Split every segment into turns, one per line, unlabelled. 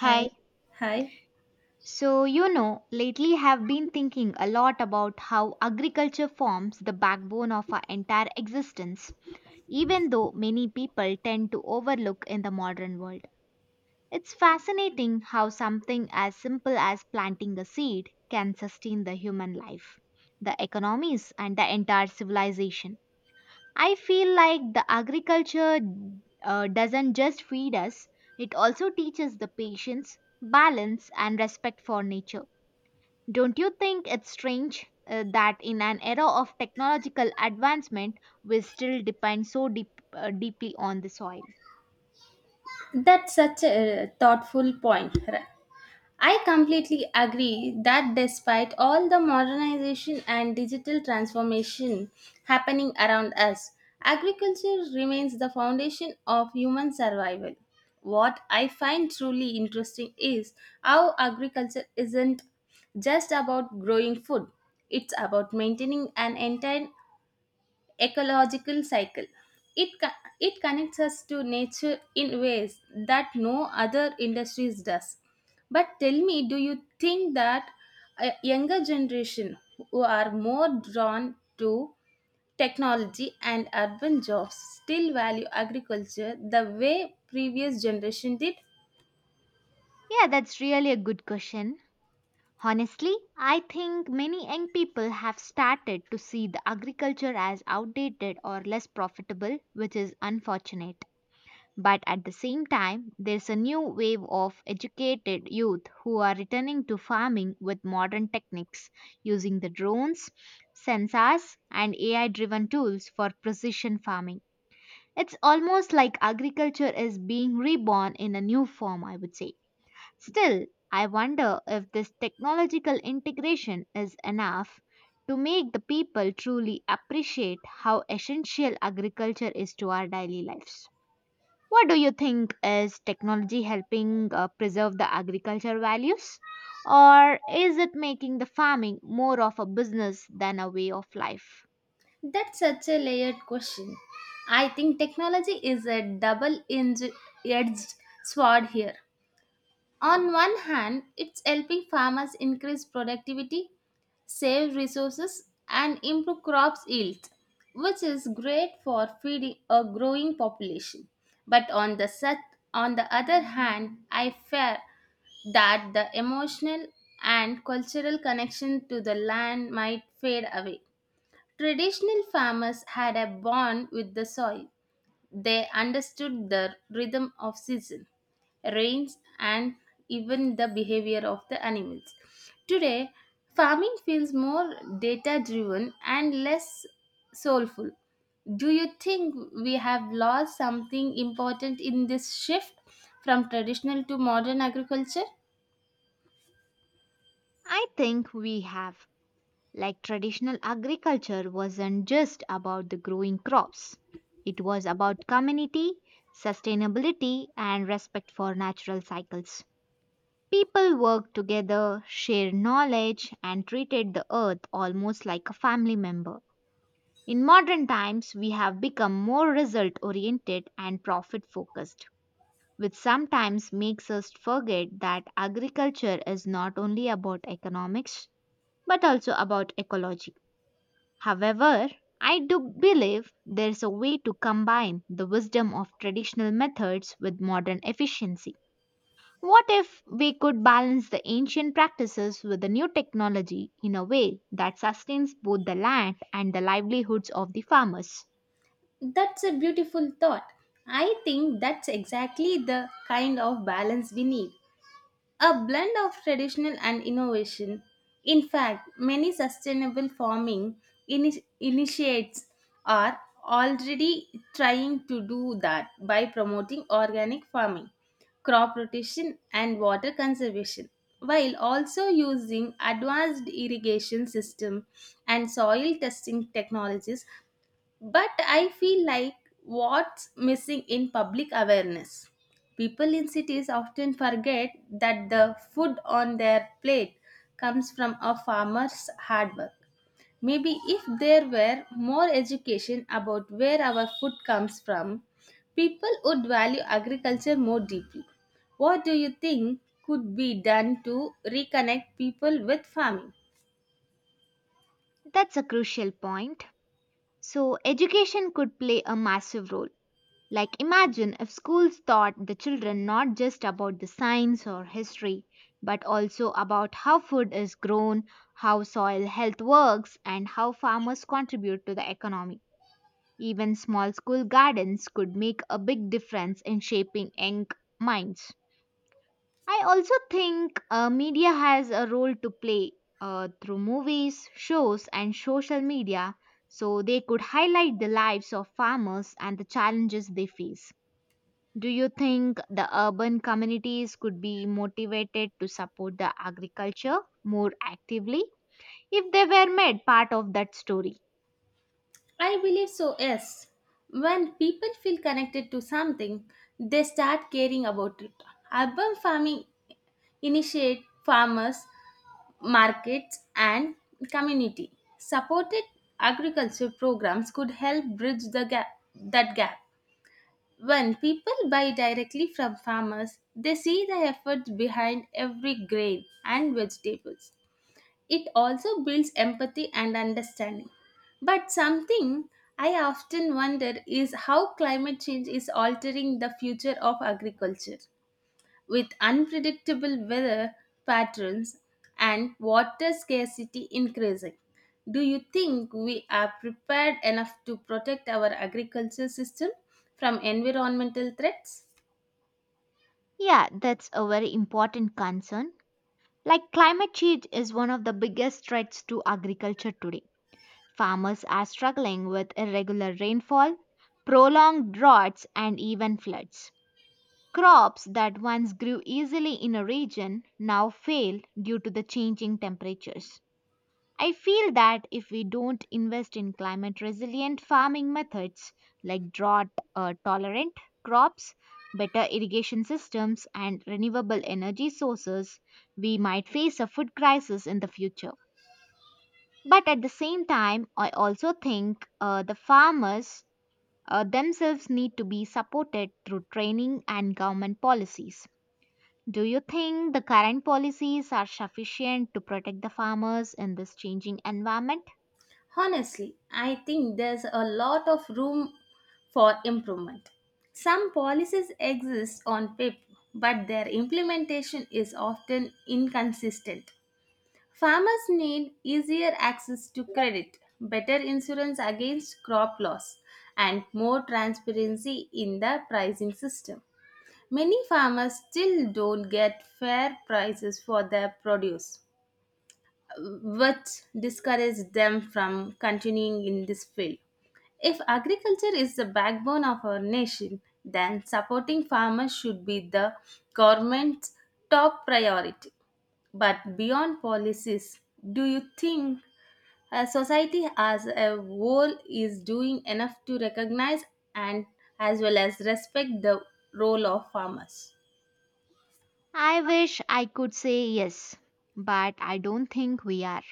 Hi. Hi.
So, you know, lately have been thinking a lot about how agriculture forms the backbone of our entire existence, even though many people tend to overlook in the modern world. It's fascinating how something as simple as planting a seed can sustain the human life, the economies, and the entire civilization. I feel like the agriculture doesn't just feed us, it also teaches the patience, balance, and respect for nature. Don't you think it's strange that in an era of technological advancement, we still depend so deeply on the soil?
That's such a thoughtful point. I completely agree that despite all the modernization and digital transformation happening around us, agriculture remains the foundation of human survival. What I find truly interesting is how agriculture isn't just about growing food, it's about maintaining an entire ecological cycle. It connects us to nature in ways that no other industries does. But tell me, do you think that a younger generation who are more drawn to technology and urban jobs still value agriculture the way previous generation did?
Yeah, that's really a good question. Honestly, I think many young people have started to see the agriculture as outdated or less profitable, which is unfortunate. But at the same time, there's a new wave of educated youth who are returning to farming with modern techniques using the drones, sensors, and AI driven tools for precision farming. It's almost like agriculture is being reborn in a new form, I would say. Still, I wonder if this technological integration is enough to make the people truly appreciate how essential agriculture is to our daily lives. What do you think is technology helping preserve the agriculture values? Or is it making the farming more of a business than a way of life?
That's such a layered question. I think technology is a double edged sword here. On one hand, it's helping farmers increase productivity, save resources, and improve crops yield, which is great for feeding a growing population. But on the set, On the other hand, I fear that the emotional and cultural connection to the land might fade away. Traditional farmers had a bond with the soil, they understood the rhythm of season, rains, and even the behavior of the animals. Today, farming feels more data driven and less soulful. Do you think we have lost something important in this shift from traditional to modern agriculture?
I think we have. Like traditional agriculture wasn't just about the growing crops, it was about community, sustainability, and respect for natural cycles. People worked together, shared knowledge, and treated the earth almost like a family member. In modern times, we have become more result oriented and profit focused, which sometimes makes us forget that agriculture is not only about economics but also about ecology. However, I do believe there's a way to combine the wisdom of traditional methods with modern efficiency. What if we could balance the ancient practices with the new technology in a way that sustains both the land and the livelihoods of the farmers?
That's a beautiful thought. I think that's exactly the kind of balance we need. A blend of traditional and innovation. In fact, many sustainable farming initiates are already trying to do that by promoting organic farming, crop rotation, and water conservation, while also using advanced irrigation system and soil testing technologies, but I feel like what's missing in public awareness. People in cities often forget that the food on their plate comes from a farmer's hard work. Maybe if there were more education about where our food comes from, people would value agriculture more deeply. What do you think could be done to reconnect people with farming?
That's a crucial point. So, education could play a massive role. Like, imagine if schools taught the children not just about the science or history, but also about how food is grown, how soil health works, and how farmers contribute to the economy. Even small school gardens could make a big difference in shaping young minds. I also think media has a role to play through movies, shows, and social media so they could highlight the lives of farmers and the challenges they face. Do you think the urban communities could be motivated to support the agriculture more actively if they were made part of that story?
I believe so, yes. When people feel connected to something, they start caring about it. Urban farming initiate farmers, markets, and community. Supported agriculture programs could help bridge that gap. When people buy directly from farmers, they see the effort behind every grain and vegetables. It also builds empathy and understanding. But something I often wonder is how climate change is altering the future of agriculture. With unpredictable weather patterns and water scarcity increasing, do you think we are prepared enough to protect our agriculture system from environmental threats?
Yeah, that's a very important concern. Like climate change is one of the biggest threats to agriculture today. Farmers are struggling with irregular rainfall, prolonged droughts, and even floods. Crops that once grew easily in a region now fail due to the changing temperatures. I feel that if we don't invest in climate resilient farming methods like drought tolerant crops, better irrigation systems, and renewable energy sources, we might face a food crisis in the future. But at the same time, I also think the farmers themselves need to be supported through training and government policies. Do you think the current policies are sufficient to protect the farmers in this changing environment?
Honestly, I think there's a lot of room for improvement. Some policies exist on paper, but their implementation is often inconsistent. Farmers need easier access to credit, better insurance against crop loss, and more transparency in the pricing system. Many farmers still don't get fair prices for their produce, which discourages them from continuing in this field. If agriculture is the backbone of our nation, then supporting farmers should be the government's top priority. But beyond policies, do you think, society as a whole is doing enough to recognize and as well as respect the role of farmers?
I wish I could say yes, but I don't think we are.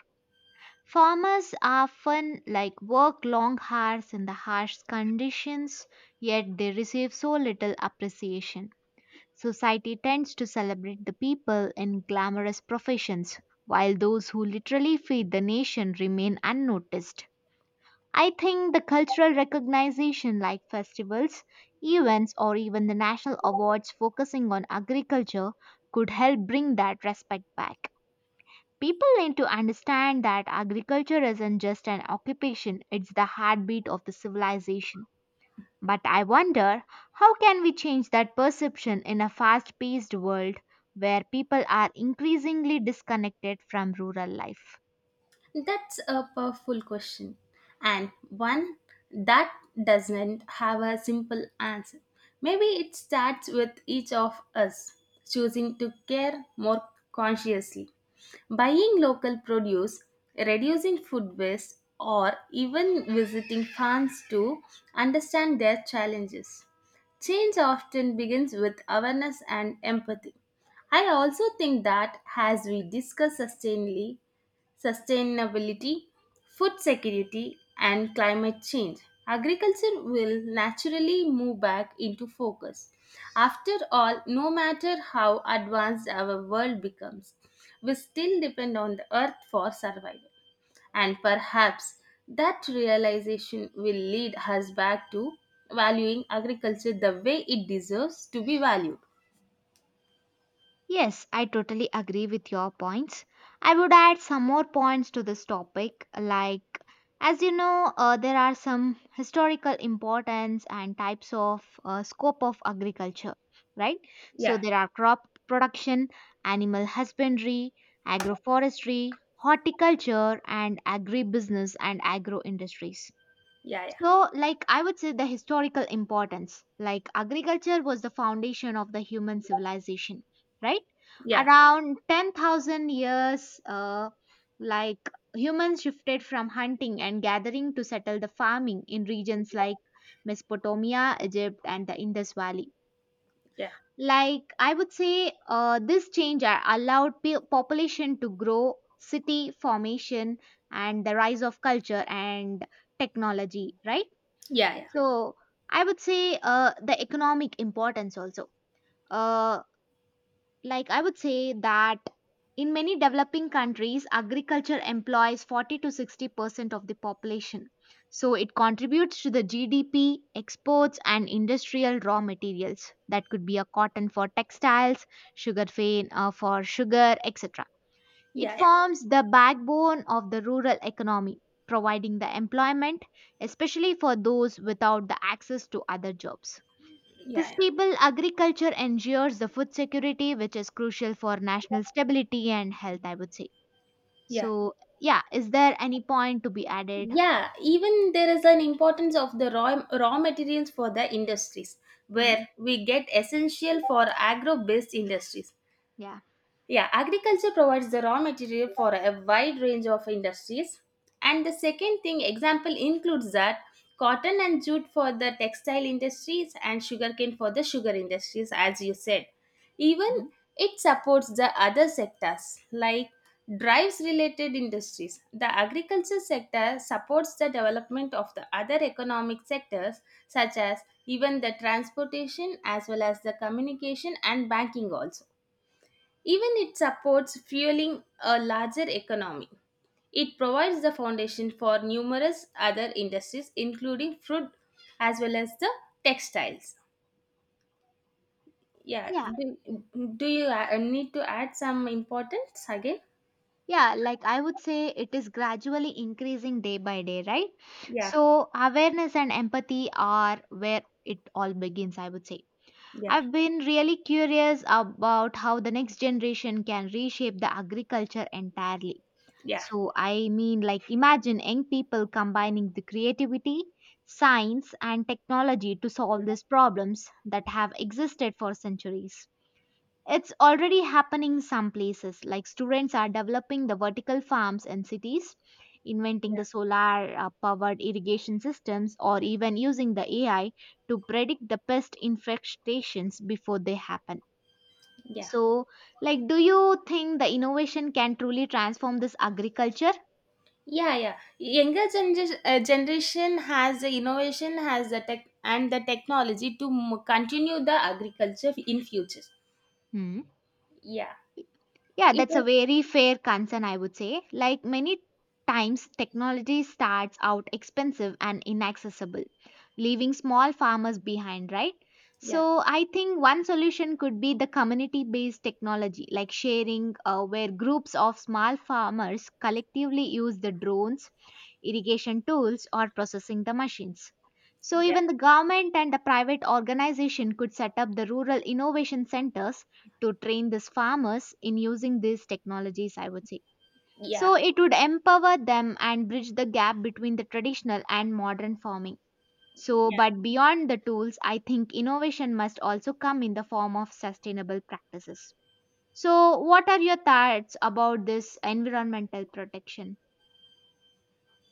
Farmers often like work long hours in the harsh conditions, yet they receive so little appreciation. Society tends to celebrate the people in glamorous professions, while those who literally feed the nation remain unnoticed. I think the cultural recognition like festivals, events, or even the national awards focusing on agriculture could help bring that respect back. People need to understand that agriculture isn't just an occupation, it's the heartbeat of the civilization. But I wonder how can we change that perception in a fast-paced world where people are increasingly disconnected from rural life?
That's a powerful question, and one that doesn't have a simple answer. Maybe it starts with each of us choosing to care more consciously, buying local produce, reducing food waste, or even visiting farms to understand their challenges. Change often begins with awareness and empathy. I also think that as we discuss sustainability, food security, and climate change, agriculture will naturally move back into focus. After all, no matter how advanced our world becomes, we still depend on the earth for survival. And perhaps that realization will lead us back to valuing agriculture the way it deserves to be valued.
Yes, I totally agree with your points. I would add some more points to this topic, like, as you know, there are some historical importance and types of scope of agriculture, right? So
Yeah,
there are crop production, animal husbandry, agroforestry, horticulture, and agribusiness and agro industries.
yeah,
So, like, I would say the historical importance. Like, agriculture was the foundation of the human civilization, right?
yeah,
Around 10,000 years, like, humans shifted from hunting and gathering to settle the farming in regions like Mesopotamia, Egypt, and the Indus Valley.
yeah, yeah,
Like, I would say this allowed population to grow, city formation, and the rise of culture and technology, right?
yeah, yeah,
So I would say the economic importance also. Uh, like I would say that in many developing countries, agriculture employs 40 to 60% of the population. So it contributes to the GDP, exports, and industrial raw materials. That could be a cotton for textiles, sugarcane for sugar, etc. It
yeah, yeah,
forms the backbone of the rural economy, providing the employment, especially for those without the access to other jobs. The
yeah, yeah.
stable agriculture ensures the food security, which is crucial for national stability and health, I would say.
Yeah.
So, yeah, is there any point to be added?
Yeah, even there is an importance of the raw materials for the industries
Hmm?
where we get essential for agro based industries.
Yeah.
Yeah, agriculture provides the raw material for a wide range of industries. And the second thing example includes that cotton and jute for the textile industries and sugarcane for the sugar industries as you said. Even
Mhm.
it supports the other sectors like drives related industries. The agriculture sector supports the development of the other economic sectors such as even the transportation as well as the communication and banking also even it supports fueling a larger economy. It provides the foundation for numerous other industries, including fruit as well as the textiles. Yeah,
Yeah.
do, do you need to add some importance again?
Yeah, like I would say, it is gradually increasing day by day, right?
Yeah,
So, awareness and empathy are where it all begins, I would say.
yeah,
I've been really curious about how the next generation can reshape the agriculture entirely.
yeah,
So, I mean, like, imagine young people combining the creativity, science, and technology to solve these problems that have existed for centuries. It's already happening some places, like students are developing the vertical farms in cities, inventing the solar powered irrigation systems, or even using the AI to predict the pest infestations before they happen.
yeah.
So, like, do you think the innovation can truly transform this agriculture?
Yeah, yeah. Younger generation has the innovation, has the tech and the technology to continue the agriculture in future.
Hmm.
Yeah,
Yeah,
it
that's a
is.
very fair concern, I would say. Like many times, technology starts out expensive and inaccessible, leaving small farmers behind, right?
Yeah,
So, I think one solution could be the community based technology, like sharing, where groups of small farmers collectively use the drones irrigation tools, or processing the machines. So
yeah,
even the government and the private organization could set up the rural innovation centers to train these farmers in using these technologies, I would say.
yeah.
So it would empower them and bridge the gap between the traditional and modern farming. So,
Yeah.
but beyond the tools, I think innovation must also come in the form of sustainable practices. So, what are your thoughts about this environmental protection?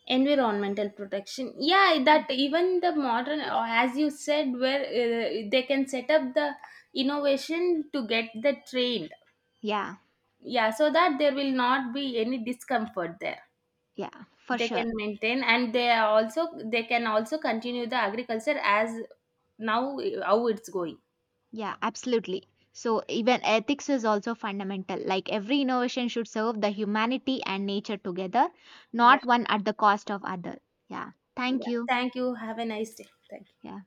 Environmental protection, yeah,
No.
that even the modern, or as you said, where they can set up the innovation to get the trained,
Yeah,
yeah, so that there will not be any discomfort there,
yeah, for
they
sure.
can maintain and they are also they can also continue the agriculture as now, how it's going.
Yeah, absolutely. So, even ethics is also fundamental. Like, every innovation should serve the humanity and nature together,
Yeah.
not one at the cost of other. Yeah, thank
Yeah,
you.
thank you, have a nice day, thank you.
Yeah,